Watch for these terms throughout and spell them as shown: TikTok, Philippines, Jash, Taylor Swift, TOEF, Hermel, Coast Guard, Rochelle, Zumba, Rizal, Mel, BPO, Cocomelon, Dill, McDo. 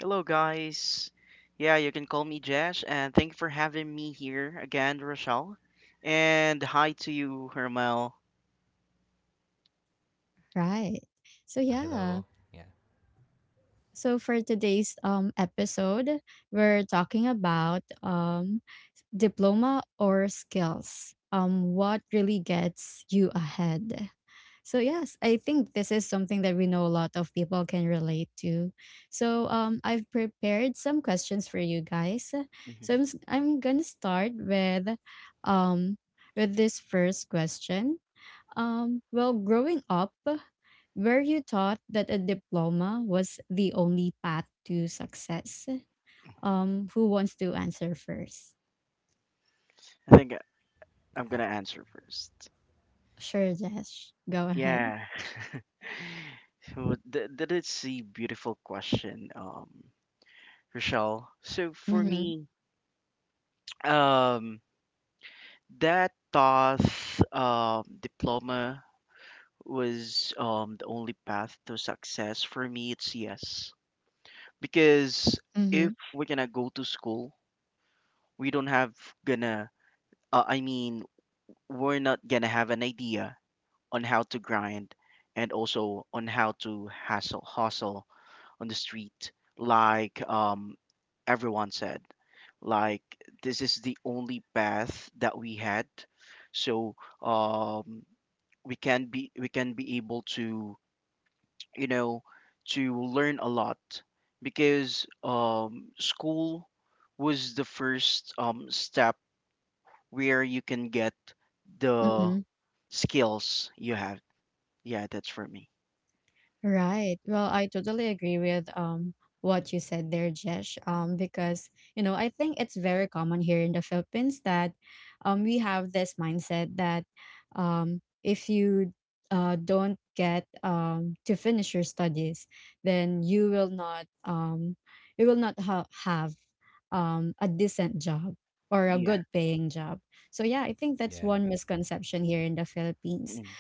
Hello, guys. Yeah, you can call me Jash, and thank you for having me here again, Rochelle. And hi to you, Hermel. Mhm. I think I'm gonna answer first. Yeah. So that is a beautiful question, Rochelle. So for me, um, that TOEF diploma was the only path to success for me. It's yes. Because if we're gonna go to school, we don't have gonna I mean we're not gonna have an idea on how to grind, and also on how to hustle on the street like, everyone said, like this is the only path that we had. So, um we can be able to you know, to learn a lot, because school was the first step where you can get the skills you have. Yeah, that's for me. Yeah. Mm.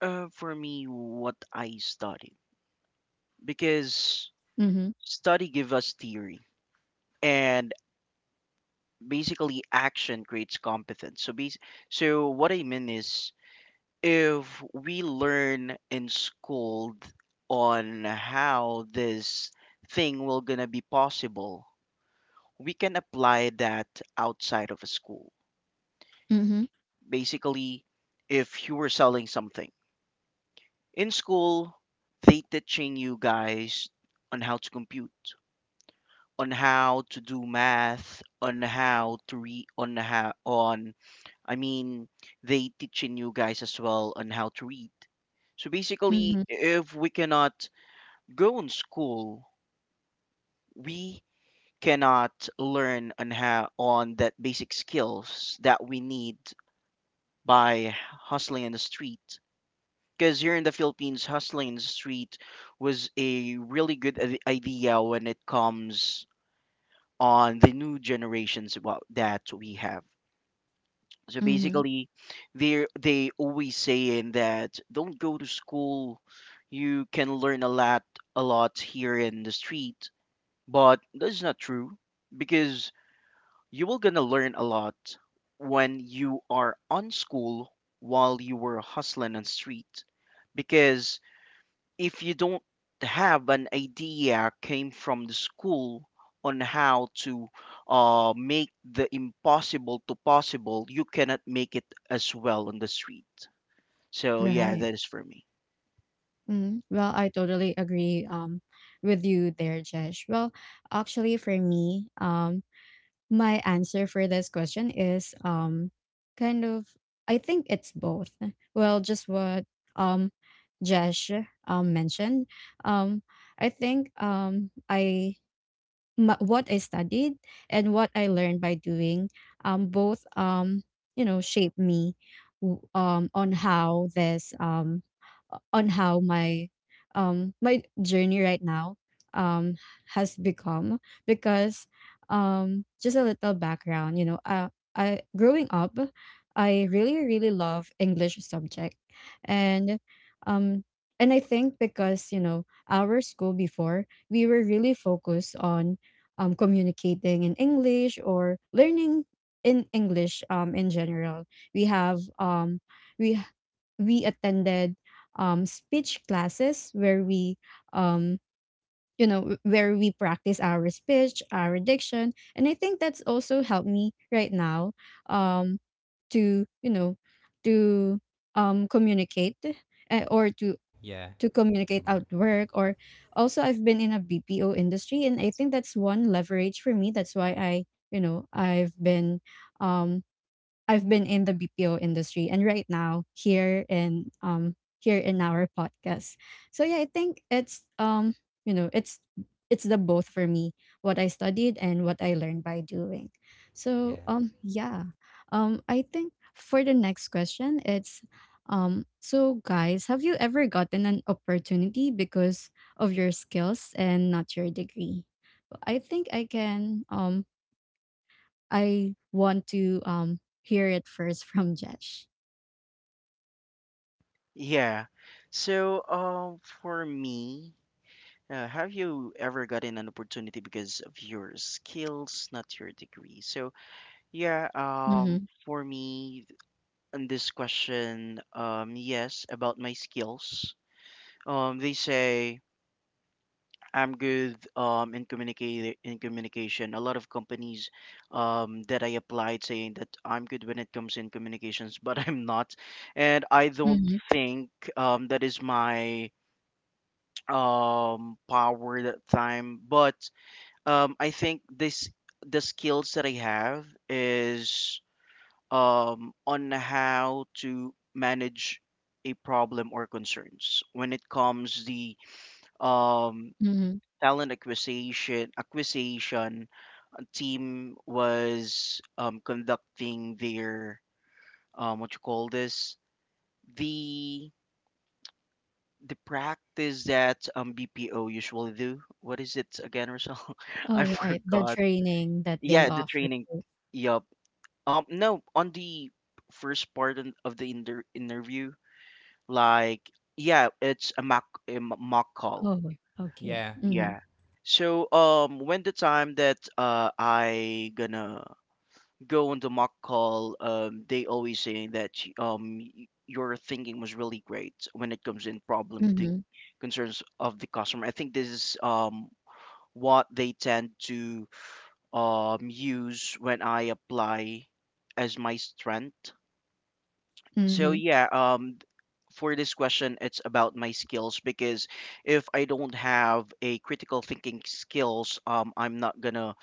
For me, what I studied, because study give us theory, and basically action creates competence. So, so what I mean is, if we learn in school on how this thing will gonna be possible, we can apply that outside of a school. Basically, if you were selling something in school, they teaching you guys on how to compute, on how to do math, on how to read, on how on, I mean they teaching you guys as well on how to read. So basically, if we cannot go in school, we cannot learn on how on that basic skills that we need by hustling in the street. Because here in the Philippines, hustling in the street was a really good idea when it comes on the new generations about that we have. So basically, they always saying that don't go to school. You can learn a lot here in the street. But that's not true, because you will gonna learn a lot when you are on school while you were hustling on street. Because if you don't have an idea came from the school on how to make the impossible to possible, you cannot make it as well on the street. So yeah, that is for me. Yeah. So for me, have you ever gotten an opportunity because of your skills, not your degree? So, yeah, for me, on this question, yes, about my skills. They say I'm good in communicate in communication. A lot of companies that I applied saying that I'm good when it comes in communications, but I'm not, and I don't think that is my power that time. But I think this the skills that I have is on how to manage a problem or concerns when it comes the um talent acquisition team was conducting their what you call this the practice that BPO usually do. What is it again, Rizal? I forgot. Yeah, the training. Yup. No, on the first part of the interview, like, yeah, it's a mock call. Yeah. So, when the time that I gonna go on the mock call, they always saying that your thinking was really great when it comes in problem the concerns of the customer. I think this is what they tend to use when I apply as my strength. So yeah, for this question, it's about my skills, because if I don't have a critical thinking skills, I'm not gonna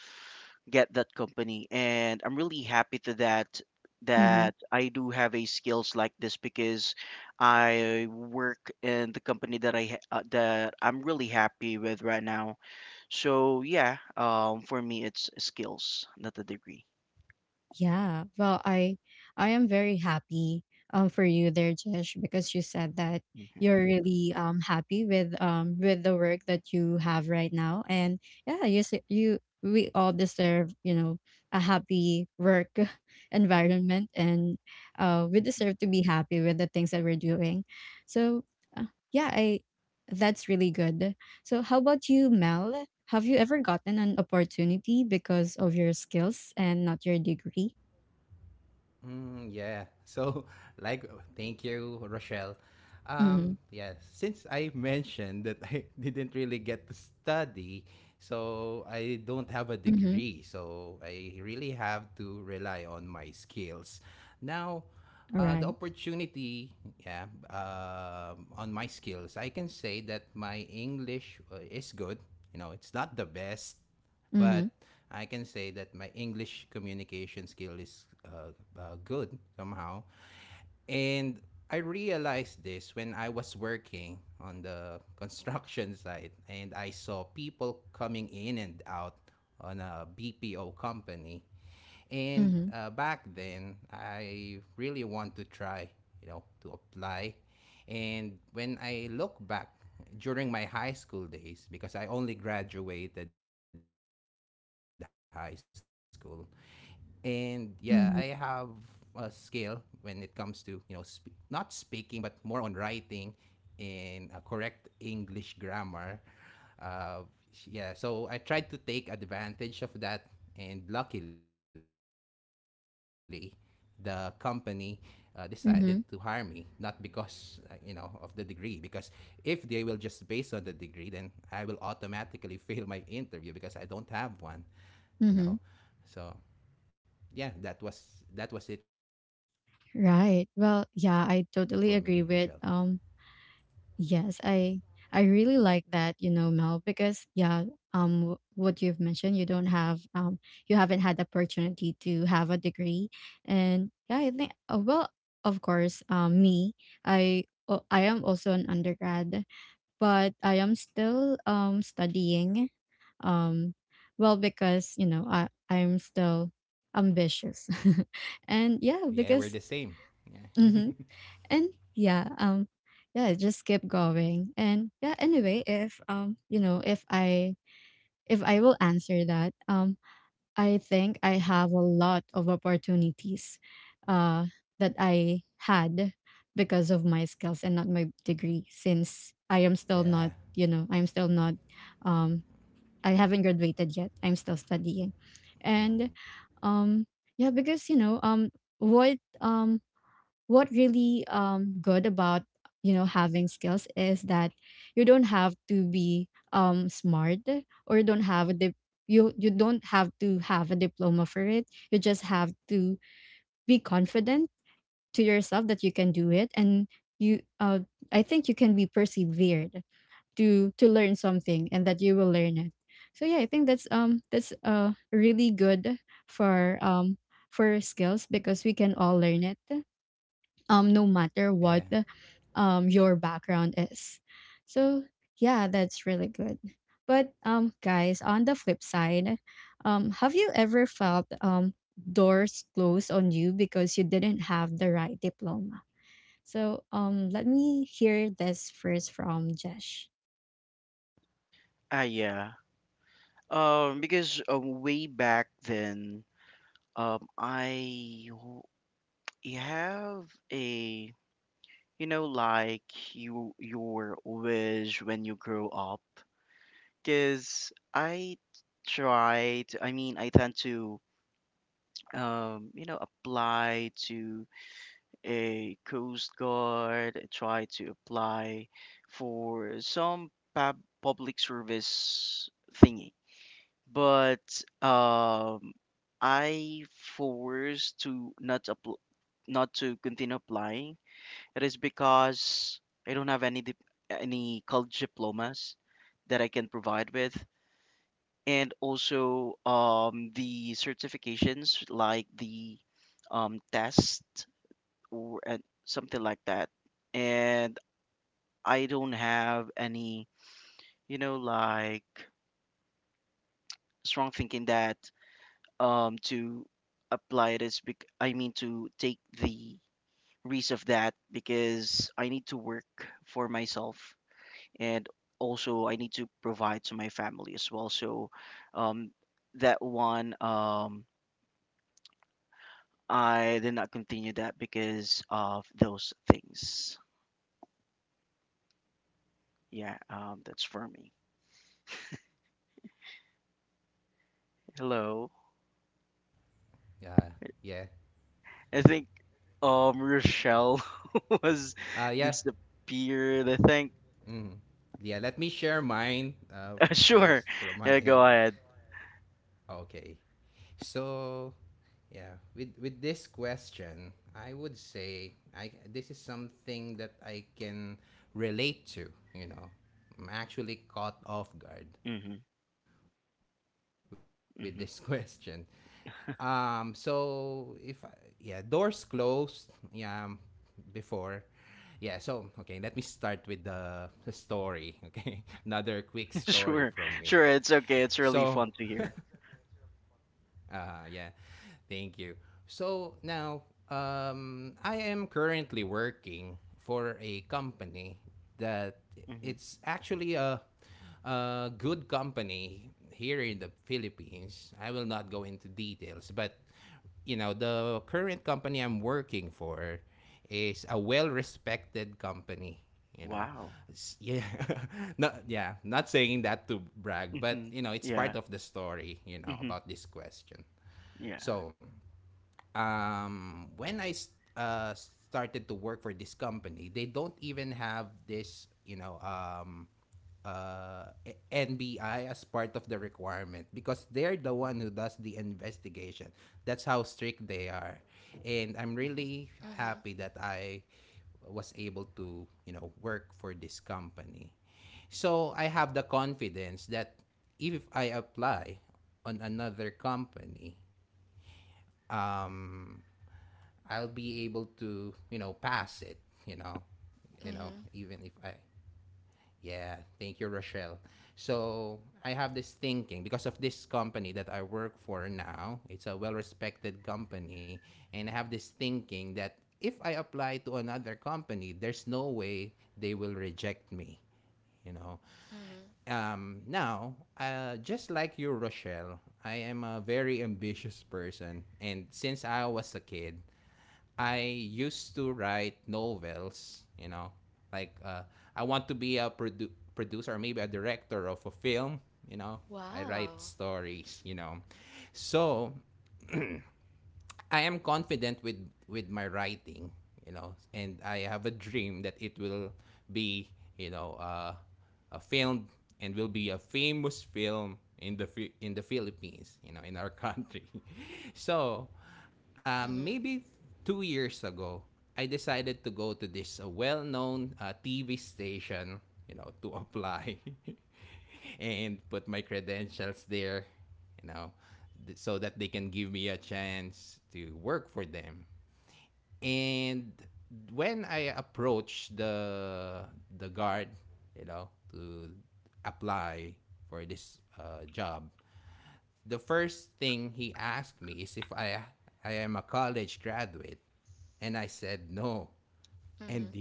get that company, and I'm really happy to that that I do have a skills like this, because I work in the company that that I'm really happy with right now. So yeah, for me it's skills, not a degree. hmm Ah, yeah. Because way back then, um, I w- you have a, like you your wish when you grow up. Because I tried, I mean, I tend to apply to a Coast Guard. I try to apply for some public service thingy. But um, I forced to not apply, not to continue applying. It is because I don't have any college diplomas that I can provide with, and also the certifications like the test or and something like that, and I don't have any, like strong thinking that to apply this, I mean to take the risk of that, because I need to work for myself, and also I need to provide to my family as well. So um that one I did not continue that because of those things. Yeah, that's for me. Hello. I think Rochelle was disappeared. I think sure. Yeah, go ahead. Mm-hmm. Sure, sure. It's okay. It's really fun to hear. Hmm. Wow. Hmm. Yeah. Hmm. Yeah. Hmm. Hmm. Mhm. Mhm. Mhm. Wow. Mhm. Mhm.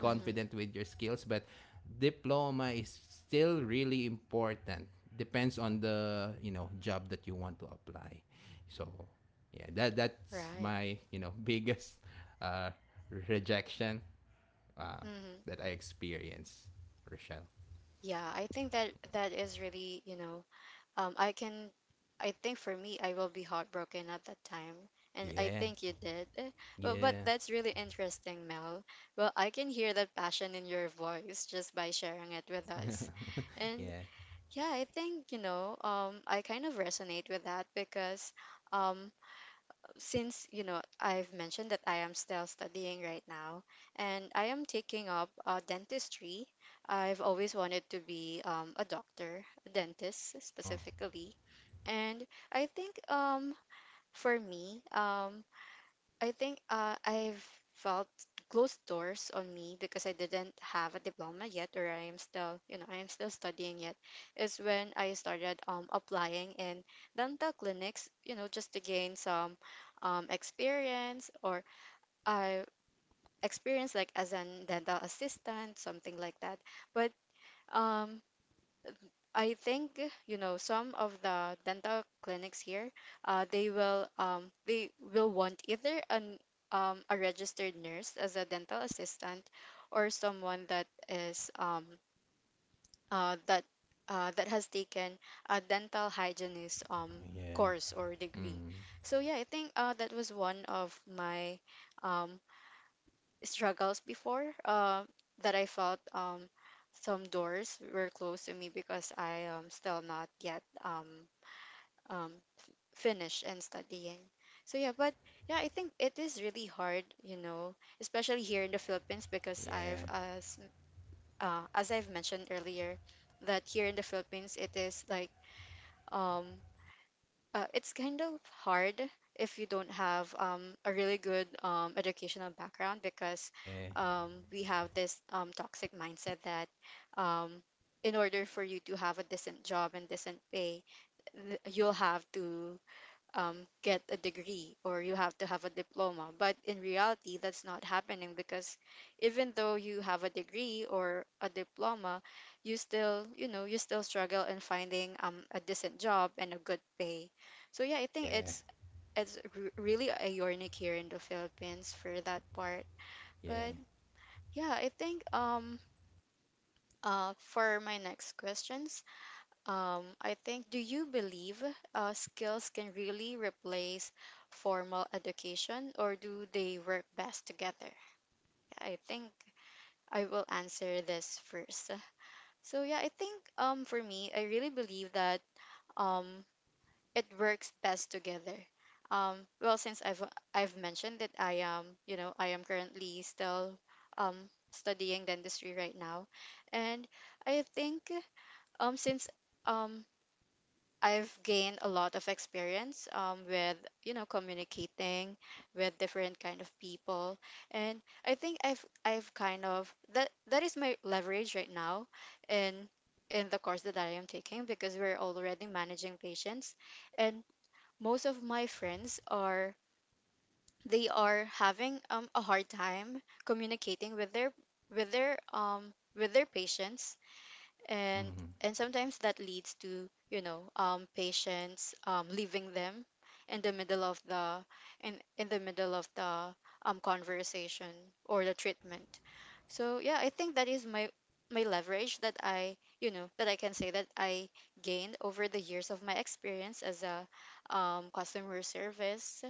Mhm. Right. Mhm. Yeah, I think that is really, um, I can, I think for me, I will be heartbroken at that time, and I think you did. But that's really interesting, Mel. Well, I can hear that passion in your voice just by sharing it with us, and yeah, I think I kind of resonate with that because, um. Since I've mentioned that I am still studying right now and I am taking up dentistry. I've always wanted to be a doctor, a dentist specifically. And I think for me, I think I've felt closed doors on me because I didn't have a diploma yet, or I am still studying yet. Is when I started applying in dental clinics, just to gain some experience or I experience like as an dental assistant, something like that. But um, I think some of the dental clinics here, they will want either an a registered nurse as a dental assistant, or someone that is that that has taken a dental hygienist course or degree. So yeah, I think that was one of my um struggles before that I felt some doors were closed to me because I am still not yet um finished and studying. So yeah, but yeah, I think it is really hard, especially here in the Philippines because I've as I've mentioned earlier that here in the Philippines it is like um it's kind of hard if you don't have a really good educational background because we have this toxic mindset that um, in order for you to have a decent job and decent pay, you'll have to get a degree or you have to have a diploma. But in reality, that's not happening because even though you have a degree or a diploma, you still struggle in finding a decent job and a good pay. So yeah, I think it's really a unique here in the Philippines for that part. But yeah, I think for my next questions, I think, do you believe skills can really replace formal education or do they work best together? I think I will answer this first. So yeah, I think for me, I really believe that um it works best together. Well, since I've mentioned that I am currently still um studying dentistry right now, and I think since um I've gained a lot of experience with communicating with different kind of people and I think I've kind of that is my leverage right now in the course that I am taking because we're already managing patients and most of my friends are they are having a hard time communicating with their with their patients and and sometimes that leads to patients leaving them in the middle of the in the middle of the conversation or the treatment. So yeah, I think that is my leverage that I can say that I gained over the years of my experience as a customer service.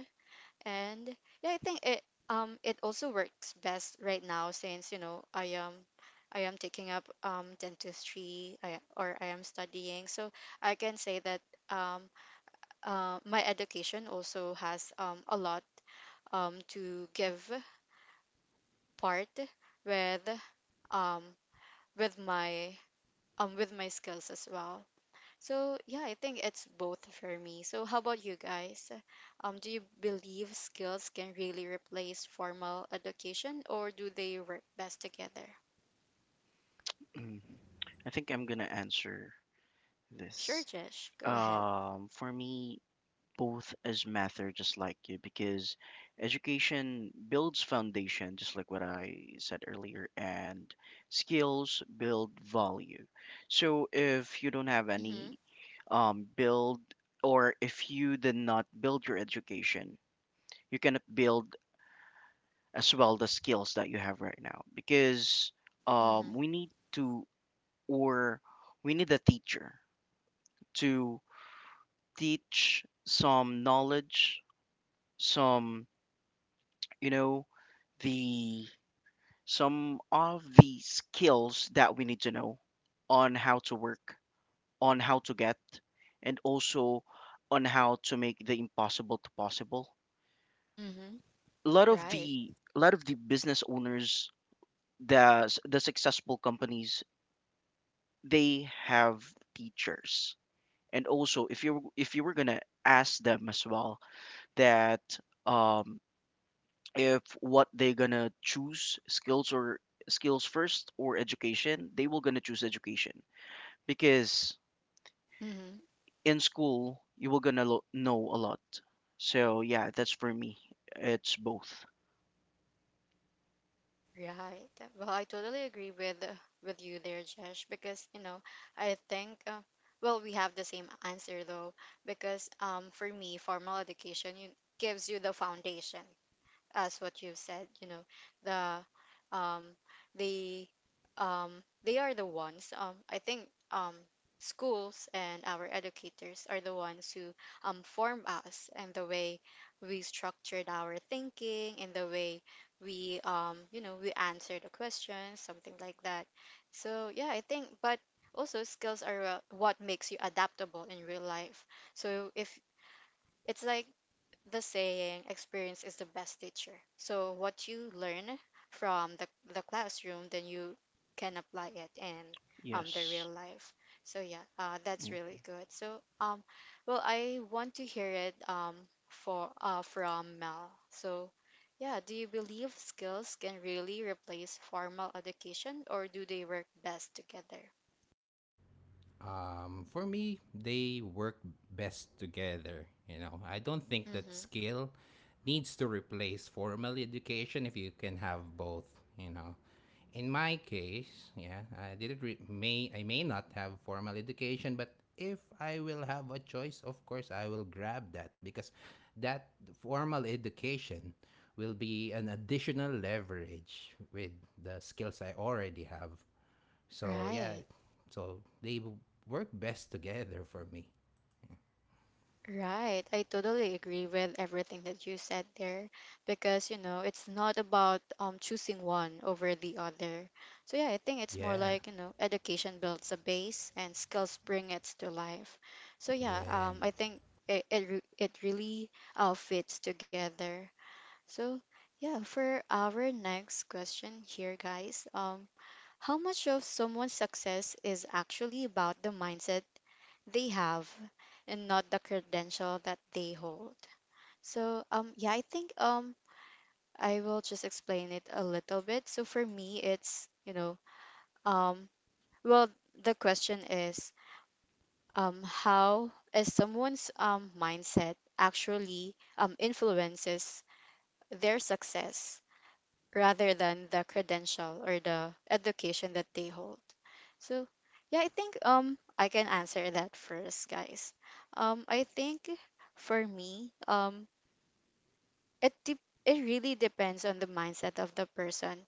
And yeah, I think it also works best right now since I am taking up dentistry or I am studying. So I can say that um my education also has a lot to give part with um with my with my skills as well. So yeah, I think it's both for me. So how about you guys? Do you believe skills can really replace formal education, or do they work best together? Hmm. I'm gonna answer Sure, this. Jesh, go ahead. For me, both as matter, just like you, because education builds foundation, just like what I said earlier, and skills build value. So if you don't have Mm-hmm. any build or if you did not build your education, you can build as well the skills that you have right now, because Mm-hmm. we need to, or we need a teacher to teach some knowledge, some, you know the, some of the skills that we need to know on how to work, on how to get, and also on how to make the impossible to possible. Mm-hmm. a lot of Right. the a lot of the business owners, the the successful companies, they have teachers. And also, if you, if you were gonna ask them as well that um if what they're gonna choose, skills or skills first or education, they will gonna choose education, because Mm-hmm. in school you will gonna know a lot. So yeah, that's for me, it's both. Right. Well, I totally agree with with you there, Jesh, because I think well, we have the same answer though, because for me, formal education gives you the foundation as what you've said, the the um they are the ones I think um schools and our educators are the ones who form us and the way we structured our thinking and the way we you know we answer the questions something like that. So yeah, I think but also skills are what makes you adaptable in real life. So if it's like the saying experience is the best teacher. So what you learn from the classroom, then you can apply it in the real Yes. life. So yeah, that's Mm. really good. So well, I want to hear it for from Mel. So yeah, do you believe skills can really replace formal education, or do they work best together? Mm-hmm. Right. Right. I totally agree with everything that you said there because, it's not about choosing one over the other. So yeah, I think it's more like, you know, education builds a base and skills bring it to life. So yeah, I think it really fits together. So yeah, for our next question here, guys, how much of someone's success is actually about the mindset they have and not the credential that they hold? So yeah, I think I will just explain it a little bit. So for me it's, um well, the question is how is someone's mindset actually influences their success rather than the credential or the education that they hold. So, yeah, I think I can answer that first, guys. I think for me, it de- it really depends on the mindset of the person,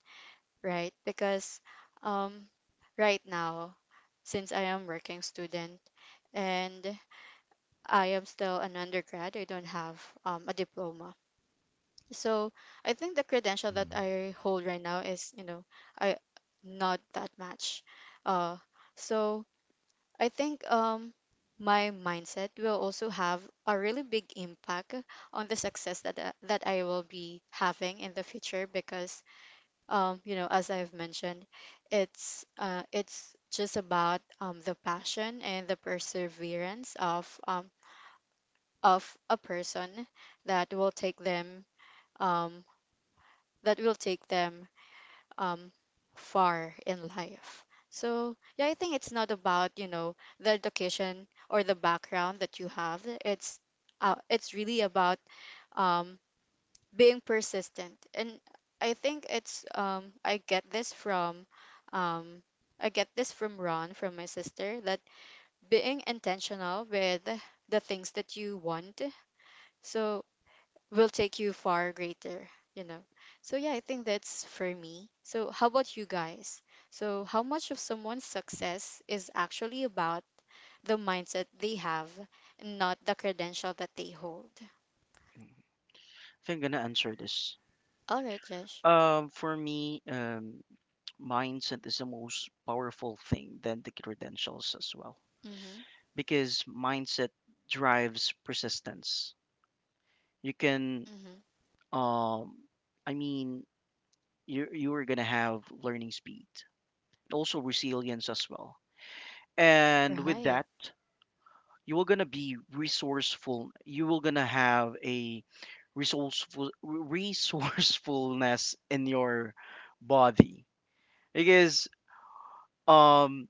right? Because um, right now, since I am working student and I am still an undergrad, I don't have a diploma. So I think the credential that I hold right now is, you know, I not that much. Uh, so I think my mindset will also have a really big impact on the success that I will be having in the future because as I've mentioned it's just about the passion and the perseverance of a person that will take them um that will take them um far in life. So yeah, I think it's not about the education or the background that you have. It's really about um, being persistent, and I think it's I get this from um, I get this from Ron from my sister that being intentional with the things that you want. So will take you far greater, you know. So yeah, I think that's for me. So how about you guys? So how much of someone's success is actually about the mindset they have and not the credential that they hold? Mm. i think i'm gonna answer this. All right, Josh. For me, mindset is the most powerful thing than the credentials as well, Mhm. because mindset drives persistence. You can Mhm. um I mean you, you are going to have learning speed, also resilience as well. And with Right. that, you are going to be resourceful, you will going to have a resourcefulness in your body. Because um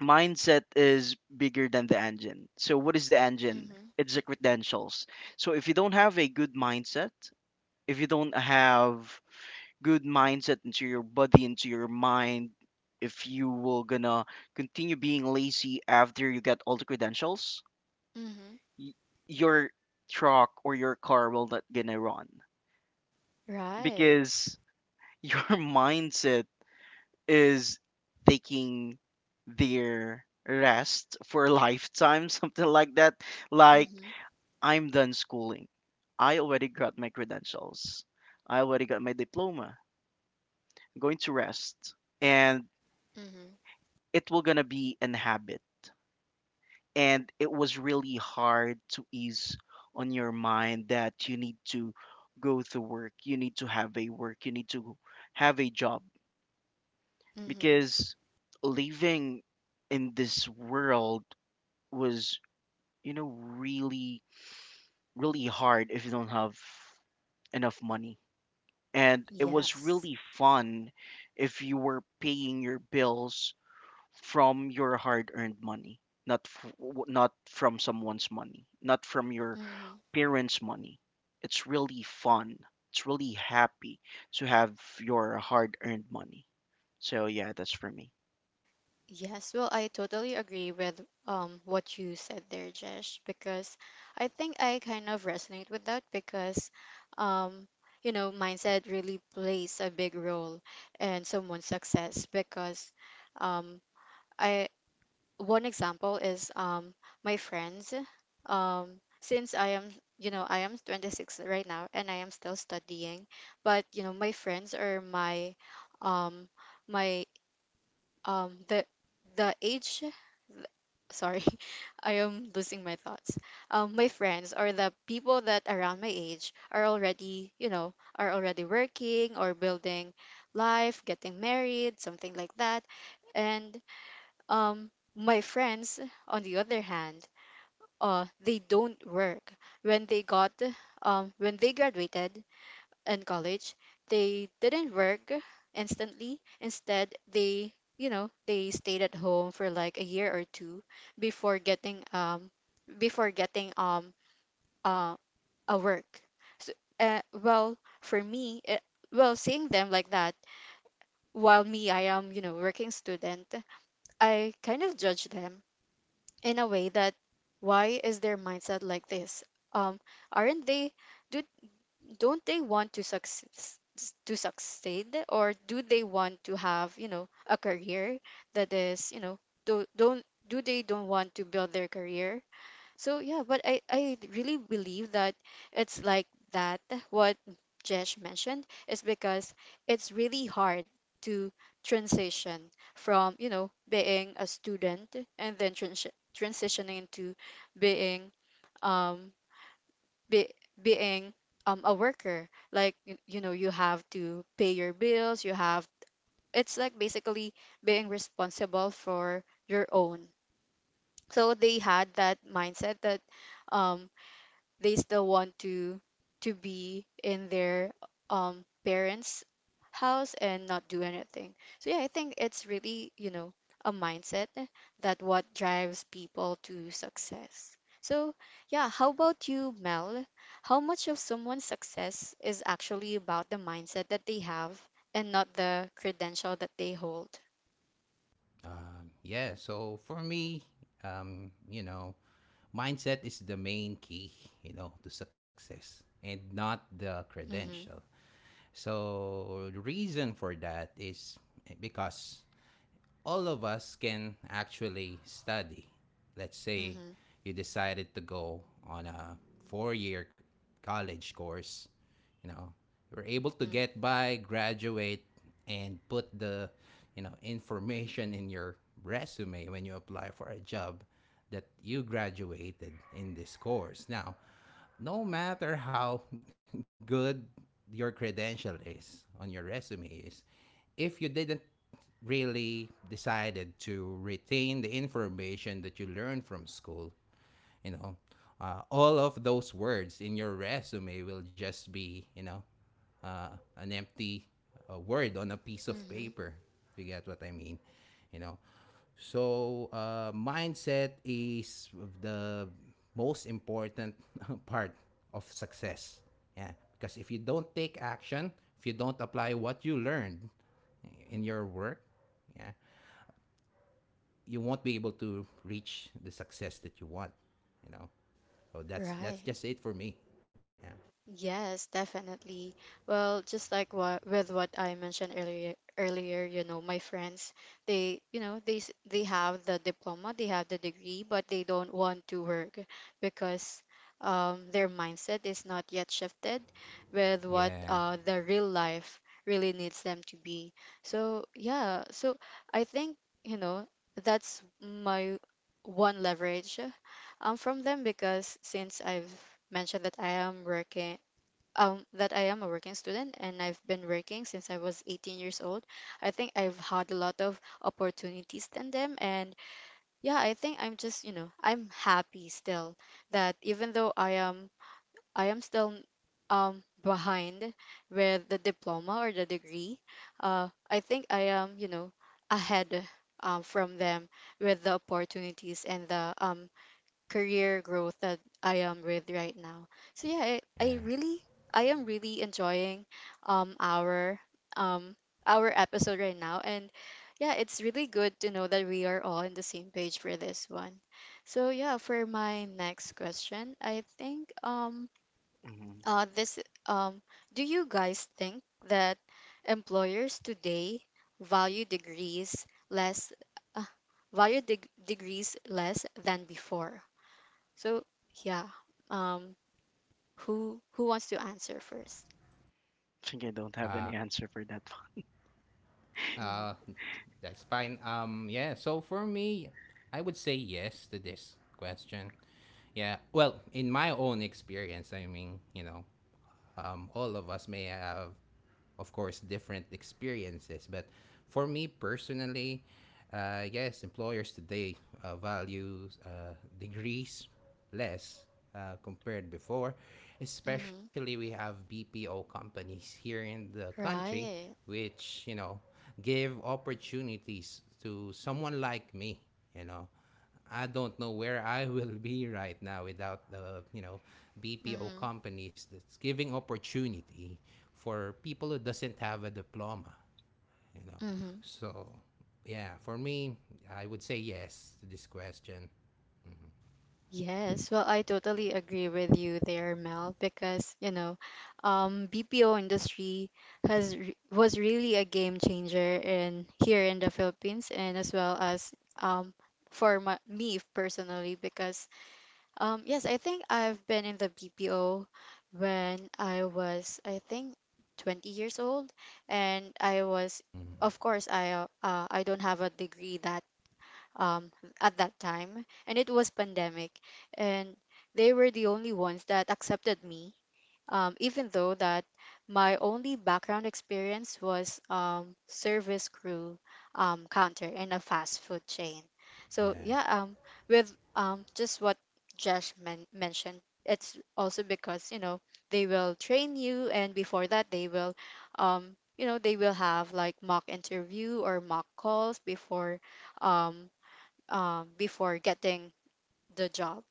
mindset is bigger than the engine. So what is the engine? Mhm. It's the credentials. So if you don't have a good mindset, if you don't have good mindset into your body, into your mind, if you will gonna continue being lazy after you get all the credentials, Mhm. y- your truck or your car will not gonna run, Right. because your mindset is taking their rest for a lifetime, something like that. Like, Mhm. I'm done schooling. I already got my credentials. I already got my diploma. I'm going to rest. And Mhm. it will gonna be an habit. And it was really hard to ease on your mind that you need to go to work, you need to have a work, you need to have a job. Mhm. Because living in this world was, really really hard if you don't have enough money. And it was Yes. really fun if you were paying your bills from your hard-earned money, not f- w- not from someone's money, not from your Mhm. parents money. It's really fun, it's really happy to have your hard-earned money. So yeah, that's for me. Yes, well, I totally agree with what you said there, Jesh, because I think I kind of resonate with that because um mindset really plays a big role in someone's success because um I one example is my friends since I am 26 right now and I am still studying, but my friends are um my um the the age sorry. I am losing my thoughts. My friends or the people that around my age are already working or building life getting married something like that. And my friends on the other hand they don't work when they got when they graduated in college, they didn't work instantly. Instead, they stayed at home for like a year or two before getting um before getting uh a work. So, well, for me, well, seeing them like that, while me, I am, working student, I kind of judge them in a way that why is their mindset like this? Um, aren't they? Do don't they want to success to succeed, or do they want to have, a career that is, do, don't do they don't want to build their career? So yeah, but I really believe that it's like that what Jesh mentioned, is because it's really hard to transition from, being a student, and then transitioning into being, um be, being, a worker. Like you know you have to pay your bills. You have... It's like basically being responsible for your own. So they had that mindset that, um, they still want to be in their parents' house and not do anything. So yeah, I think it's really, a mindset that what drives people to success. So yeah, how about you, Mel? How much of someone's success is actually about the mindset that they have, and not the credential that they hold? Mm-hmm. Mm-hmm. Mm-hmm. Mm-hmm. Right. Yes, definitely. Well, just like what I mentioned earlier, my friends, they, they have the diploma, they have the degree, but they don't want to work because their mindset is not yet shifted with what the real life really needs them to be. So yeah, so I think, you know, that's my one leverage from them, because since I've mentioned that I am working, that I am a working student, and I've been working since I was 18 years old. I think I've had a lot of opportunities in them. And yeah, I think I'm just, I'm happy still that even though I am, still, behind with the diploma or the degree, I think I am, ahead, from them, with the opportunities and the, career growth that I am with right now. So yeah, I am really enjoying um our um our episode right now. And yeah, it's really good to know that we are all on the same page for this one. So yeah, for my next question, I think, Hmm. This um do you guys think that employers today value degrees less, uh, degrees less than before? So yeah, um, who wants to answer first? I think I don't have any answer for that one. Mm-hmm. Mm-hmm. Right. Mm-hmm. Mm-hmm. Yes. Well, I totally agree with you there, Mel, because, BPO industry has re was really a game changer in, here in the Philippines, and as well as um for my, me personally. Because, yes, I think I've been in the BPO when I was, I think, 20 years old, and I was, of course, I, I don't have a degree that um at that time, and it was pandemic, and they were the only ones that accepted me, even though that my only background experience was, service crew, counter in a fast food chain. So yeah, with, just what Josh mentioned. It's also because, they will train you, and before that they will, they will have like mock interview or mock calls before, um, before getting the job.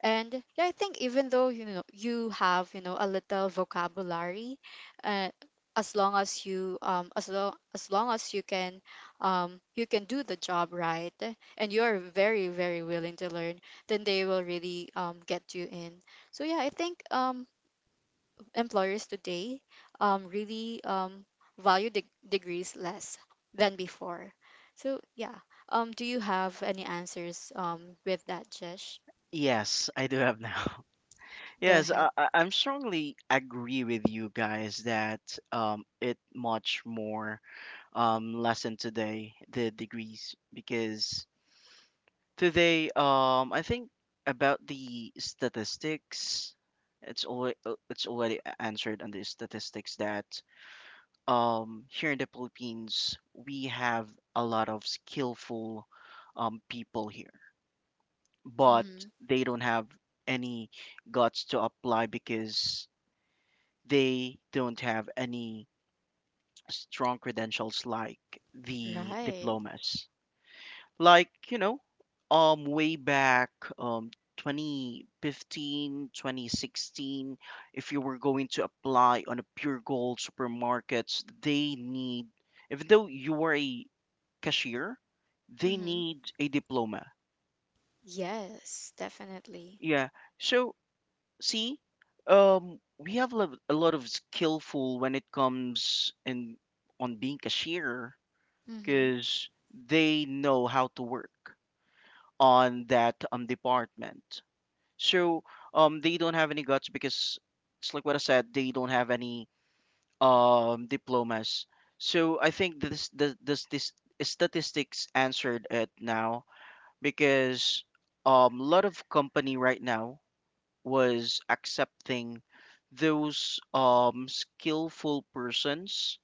And yeah, I think even though, you have, a little vocabulary, uh, as long as you as long as long as you can do the job right, and you are very, very willing to learn, then they will really get you in. So yeah, I think employers today really value de degrees less than before. So yeah, do you have any answers with that, Jesh? Yes, I do have now. Go Yes, ahead. I'm strongly agree with you guys that it much more lessen today the degrees, because today I think about the statistics. It's already it's already answered on the statistics that here in the Philippines we have a lot of skillful people here, but Mm-hmm. they don't have any guts to apply, because they don't have any strong credentials like the Right. diplomas. Like, you know, way back um, 2015, 2016. If you were going to apply on a pure gold supermarkets, they need, even though you are a cashier, they Mm-hmm. need a diploma. Yes, definitely. Yeah. So see, we have a lot of skillful when it comes in on being cashier, Mm-hmm. because they know how to work on that department. So they don't have any guts, because it's like what I said, they don't have any diplomas. So I think this statistics answered it now, because a lot of company right now was accepting those skillful persons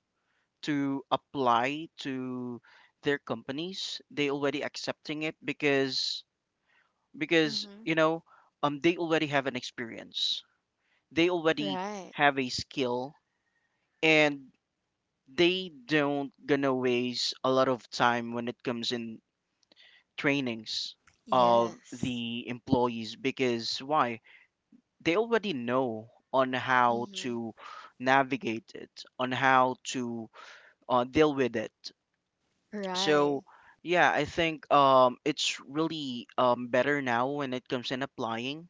to apply to their companies. They already accepting it, because, because Mm-hmm. you know they already have an experience, they already Right. have a skill. And they don't gonna waste a lot of time when it comes in trainings of Yes. the employees. Because why, they already know on how Mm-hmm. to navigate it, on how to deal with it. Right. So yeah, I think it's really better now when it comes in applying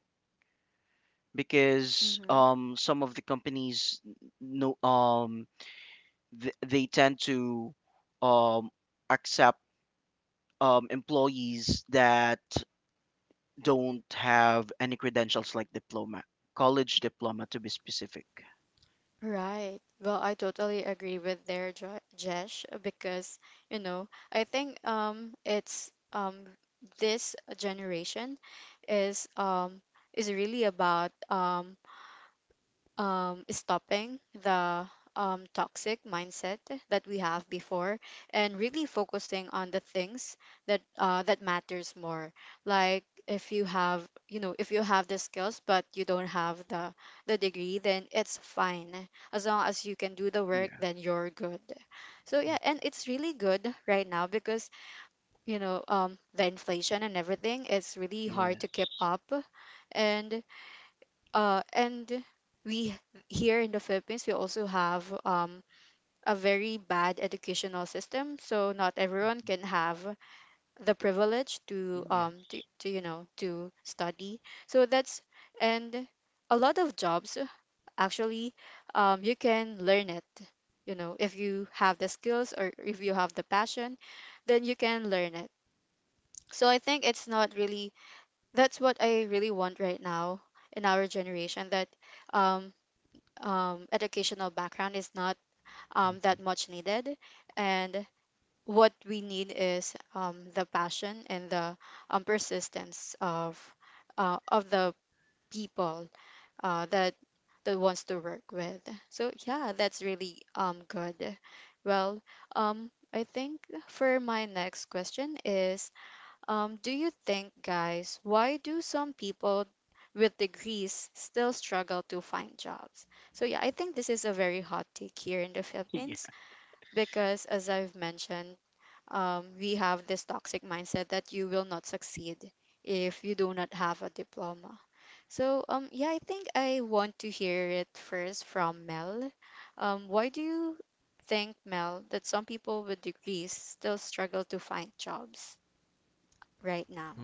because Mm-hmm. Some of the companies no they tend to um, accept employees that don't have any credentials like diploma, college diploma to be specific. Right. Well, I totally agree with their Jesh, because, you know, I think it's this generation is, is really about, stopping the, toxic mindset that we have before, and really focusing on the things that, that matters more. Like, if you have, if you have the skills, but you don't have the degree, then it's fine. As long as you can do the work, Yeah. then you're good. So yeah, and it's really good right now because, the inflation and everything, it's really hard to keep Yes. up. And, uh, and we here in the Philippines, we also have, a very bad educational system. So not everyone can have the privilege to Yes. To study. So that's... And a lot of jobs actually, you can learn it. You know, if you have the skills or if you have the passion, then you can learn it. So I think it's not really that's what I really want right now in our generation: that, um educational background is not, that much needed. And what we need is, the passion and the, persistence of, the people, uh, that that wants to work with. So yeah, that's really good. Well, I think for my next question is, do you think, guys, why do some people with degrees still struggle to find jobs? So yeah, I think this is a very hot take here in the Philippines, because, as I've mentioned, we have this toxic mindset that you will not succeed if you do not have a diploma. So, yeah, I think I want to hear it first from Mel. Why do you think, Mel, that some people with degrees still struggle to find jobs right now?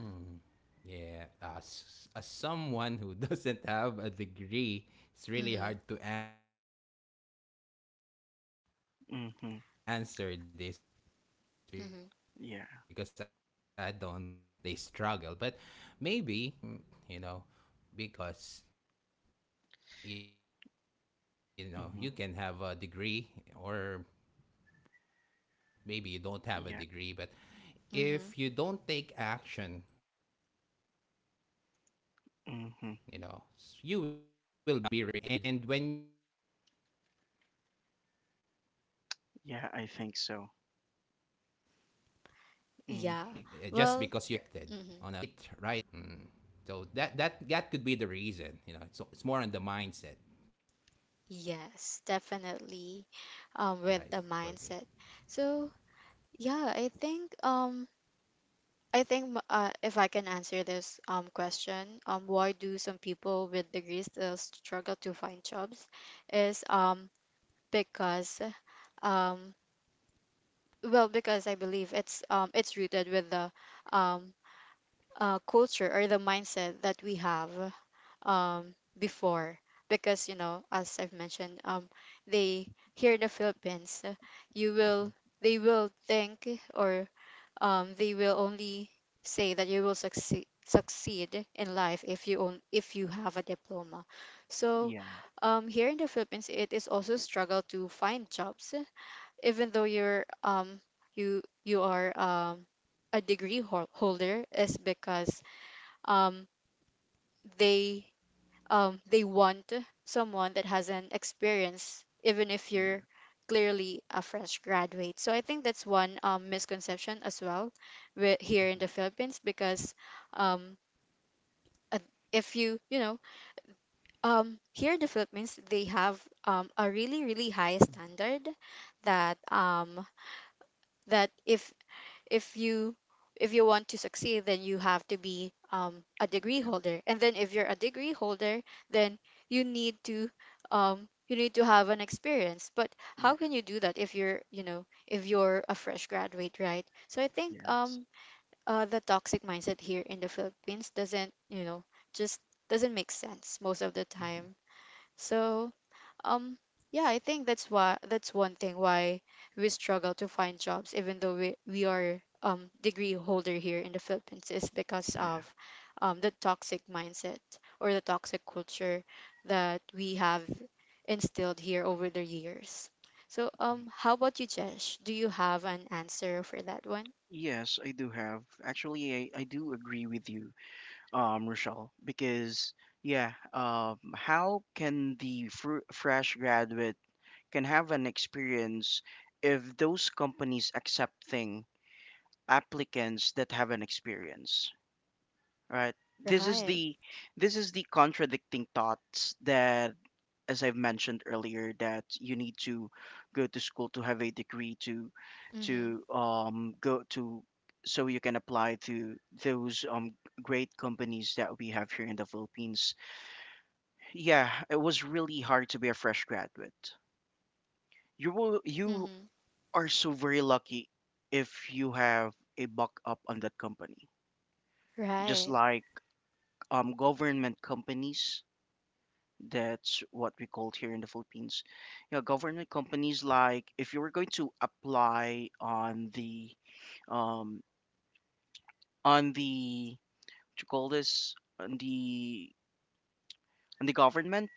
Mhm. Mhm. Yeah. Yeah. hmm Yeah. Mhm. hmm Yeah, I think so. Yeah. Mm-hmm. Well, mhm. Yes, definitely. With the mindset. So yeah, I think, if I can answer this question, why do some people with degrees still struggle to find jobs is because, um well, because I believe it's rooted with the um culture or the mindset that we have before. Because, you know, as I've mentioned, they here in the Philippines, you Mm-hmm. will they will think, or they will only say that you will succeed in life, if you own if you have a diploma. So Yeah. Here in the Philippines, it is also struggle to find jobs, even though you are a degree holder, is because um they they want someone that has an experience, even if Yeah. you're clearly a fresh graduate. So I think that's one, misconception as well, here in the Philippines, because, um, uh, if you, you know, here in the Philippines, they have, a really, really high standard, that, that if if you want to succeed, then you have to be, a degree Yeah. holder. And then if you're a degree holder, then you need to you need to have an experience. But Yeah. how can you do that if you're, if you're a fresh graduate, right? So I think, Yes. The toxic mindset here in the Philippines, doesn't you know just doesn't make sense most of the hmm time. So um, yeah, I think that's one thing why we struggle to find jobs, even though we are degree holder here in the Philippines, is because Yeah. of the toxic mindset, or the toxic culture that we have instilled here over the years. So, Mhm. How about you, Jesh? Do you have an answer for that one? Yes, I do have. Actually, I do agree with you, Rochelle, because yeah, how can the fr fresh graduate can have an experience if those companies accepting applicants that have an experience? Right. This is Right. the this is the contradicting thoughts that, as I've mentioned earlier, that you need to go to school to have a degree Mm-hmm. to go to so you can apply to those great companies that we have here in the Philippines. Yeah, it was really hard to be a fresh graduate. You Mm-hmm. are so very lucky if you have a buck up on that company. Just Right. like government companies. That's what we called here in the Philippines. Yeah, government companies, like if you were going to apply um on the what you call this, on the government,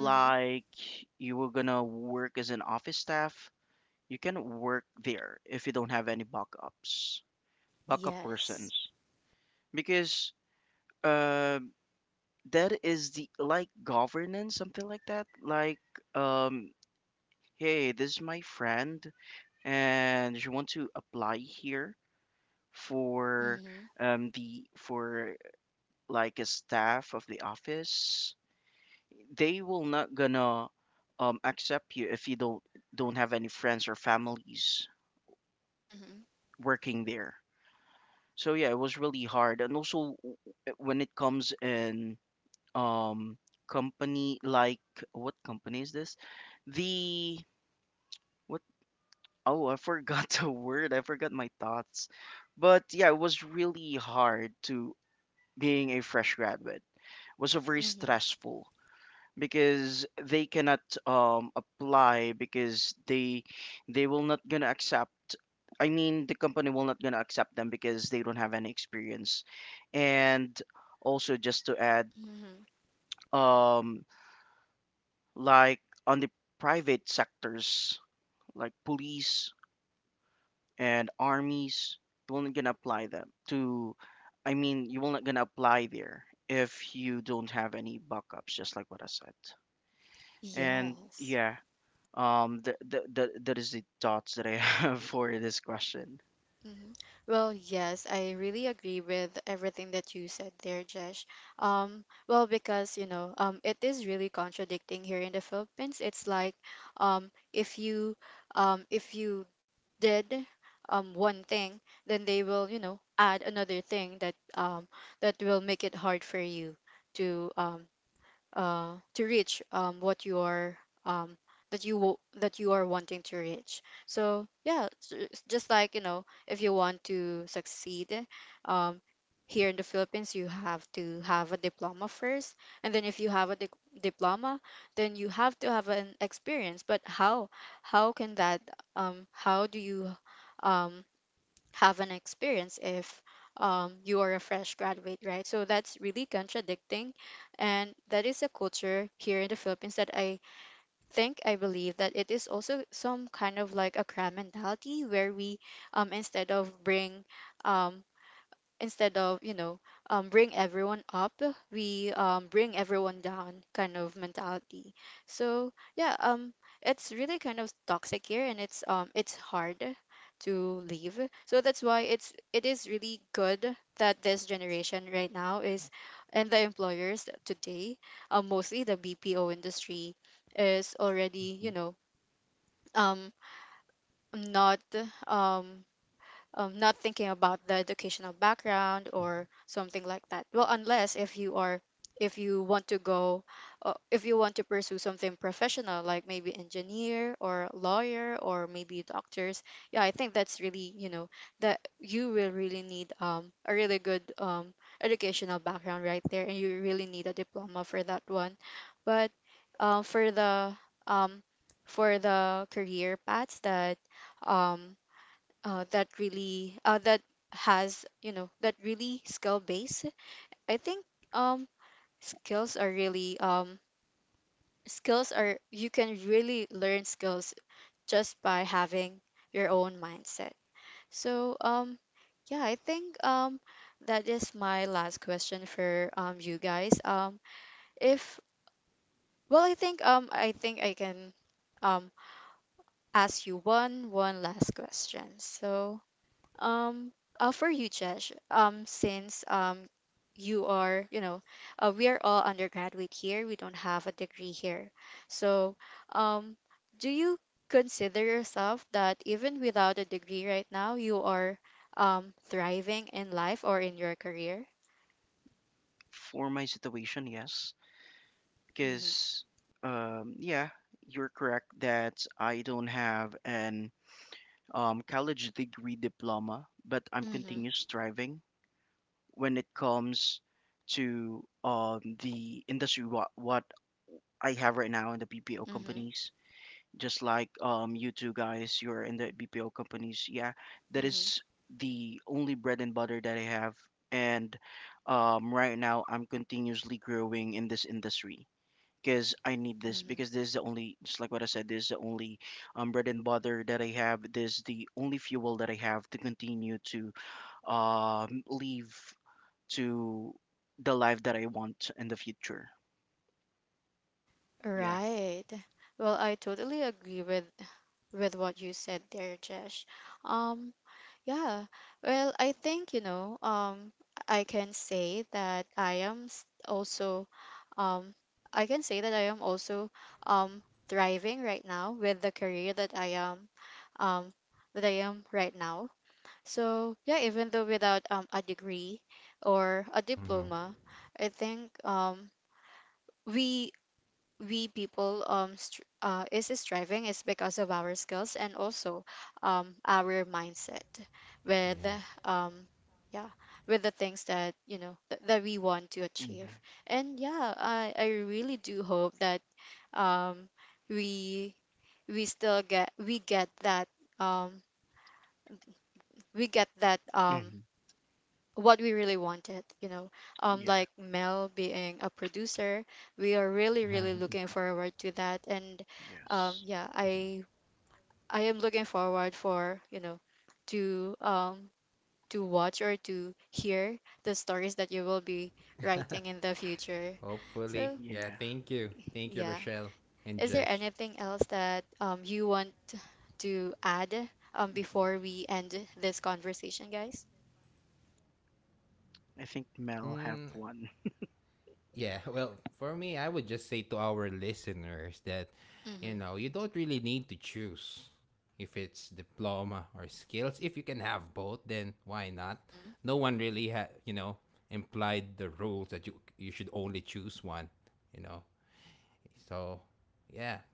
Mm-hmm. you were gonna work as an office staff, you cannot work there if you don't have any backups, backup persons Yes. because, uh, that is the like governance something like that, like, um, hey, this is my friend and you want to apply here for Mm-hmm. The for like a staff of the office, they will not gonna, accept you if you don't have any friends or families Mm-hmm. working there. So yeah, it was really hard, and also when it comes in um company, like what company is this, the what? Oh, I forgot the word. I forgot my thoughts. But yeah, it was really hard to being a fresh graduate. It was a very Mm-hmm. stressful because they cannot apply because they will not gonna accept. I mean, the company will not gonna accept them because they don't have any experience. And also, just to add, Mm-hmm. um, like on the private sectors, like police and armies, you will not gonna apply them to, I mean, you will not gonna apply there if you don't have any backups, just like what I said. And Yes. yeah, um, that is the thoughts that I have for this question. Mhm. Well, yes, I really agree with everything that you said there, Jesh. Well, because, you know, it is really contradicting here in the Philippines. It's like, um, if you, if you did, one thing, then they will, you know, add another thing that, that will make it hard for you to, um, to reach, what you are, um, that you are wanting to reach. So yeah, it's just like, you know, if you want to succeed, um, here in the Philippines, you have to have a diploma first. And then if you have a diploma, then you have to have an experience. But how can that, how do you, um, have an experience if, you are a fresh graduate, right? So that's really contradicting. And that is a culture here in the Philippines that I believe, that it is also some kind of like a crab mentality, where we, um, instead of bring um, instead of, bring everyone up, we, bring everyone down, kind of mentality. So yeah, it's really kind of toxic here, and it's hard to leave. So that's why it is really good that this generation right now, is and the employers today, mostly the BPO industry, is already, Mhm. Um not, um not thinking about the educational background or something like that. Well, unless if you are, if you want to go, if you want to pursue something professional, like maybe engineer or lawyer or maybe doctors. Yeah, I think that's really, you know, that you will really need, a really good, educational background right there, and you really need a diploma for that one. But, uh, for the um, for the career paths that, um, that really that has, that really skill base. I think, um skills are really um skills are, you can really learn skills just by having your own mindset. So yeah, I think that is my last question for you guys. Um if well I think, I can um ask you one last question. So, Um, for you, Jesh, since, you are, you know, we are all undergraduate here. We don't have a degree here. So, um, do you consider yourself that even without a degree right now, you are, thriving in life or in your career? For my situation, yes, Mm-hmm. because um, yeah, you're correct that I don't have an college degree diploma, but I'm Mm-hmm. continuous striving when it comes to, the industry, what I have right now in the BPO Mm-hmm. companies. Just like you two guys, you're in the BPO companies. Yeah, that Mm-hmm. is the only bread and butter that I have. And right now, I'm continuously growing in this industry because I need this, because this is the only, just like what I said, this is the only bread and butter that I have. This is the only fuel that I have to continue to leave to the life that I want in the future. Yeah. Right. Well, I totally agree with what you said there, Jesh. Um, Yeah. Well, I think, you know, I can say that I am s- also, um, I can say that I am also um thriving right now with the career um that I am right now. So yeah, even though without a degree or a diploma, Mm-hmm. I think we we people, str is striving is because of our skills, and also our mindset with, Yeah. um yeah with the things that, that we want to achieve. hmm And yeah, I really do hope that, um we we still get we get that um we get that, hmm what we really wanted, Yeah. like Mel being a producer. We are really, really looking Yeah. Mhm. forward to that. And Yes. yeah, I am looking forward, for you know, to, to watch or to hear the stories that you will be writing in the future. Hopefully. So Yeah, Yeah. thank you. Thank you, yeah, Rochelle and is there Josh. anything else that you want to add hmm before we end this conversation, guys? I think Mel Mm, have one. yeah, well, for me, I would just say to our listeners that, you Mm-hmm. know, you don't really need to choose if it's diploma or skills. If you can have both, then why not? Mm-hmm. No one really, you know, implied the rules that you should only choose one, you know. So, yeah,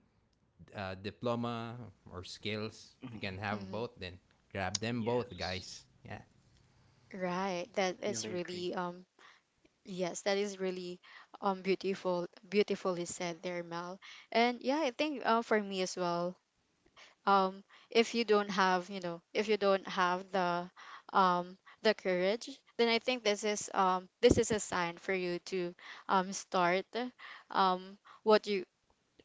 diploma or skills. If you Mhm. can Mm-hmm. have both, then grab them both, Yes. guys. Yeah. Right, that is Really agree. really yes, that is really, beautifully said there, Mel. And yeah, I think, for me as well, um if you don't have, if you don't have the courage, then I think this is a sign for you to start, um what you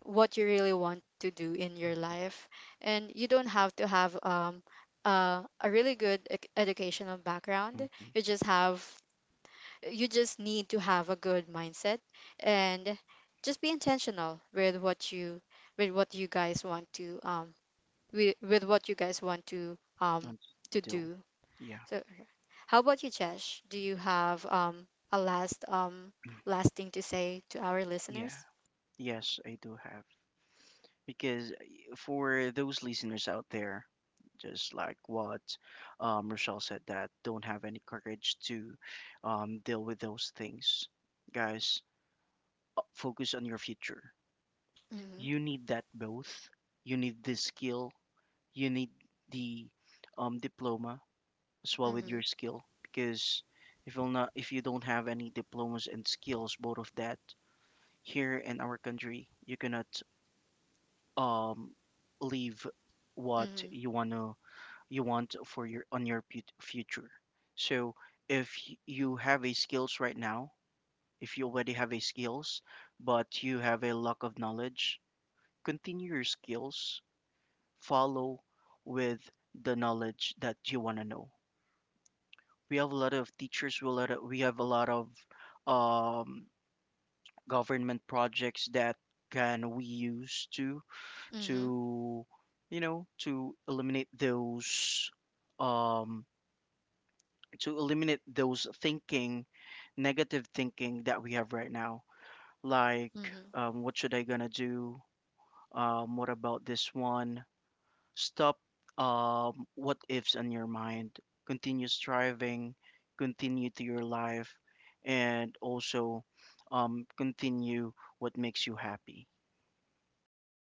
what you really want to do in your life. And you don't have to have, a really good, educational background. Mm-hmm. You just have you just need to have a good mindset, and just be intentional with what you guys want to um with what you guys want to um And to Dill. do. Yeah. So how about you, Jesh? Do you have, a last Mm. last thing to say to our Yeah. listeners? Yes, I do have. Because, for those listeners out there, just like what Rochelle said, that don't have any courage to deal with those things. Guys, focus on your future. Mm-hmm. You need that both. You need the skill, you need the diploma as well with Mm-hmm. your skill, because if you'll not, if you don't have any diplomas and skills, both of that, here in our country, you cannot um leave what Mm-hmm. you wanna, you want for your on your future. So if you have a skills right now, if you already have a skills, but you have a lack of knowledge, continue your skills, follow with the knowledge that you want to know. We have a lot of teachers. We have a lot of um, government projects that can we use to Mm-hmm. to you know, um, to eliminate those thinking, negative thinking, that we have right now. Like, Mm-hmm. What should I gonna do? What about this one? Stop what ifs in your mind. Continue striving, continue to your life, and also continue what makes you happy. Yeah.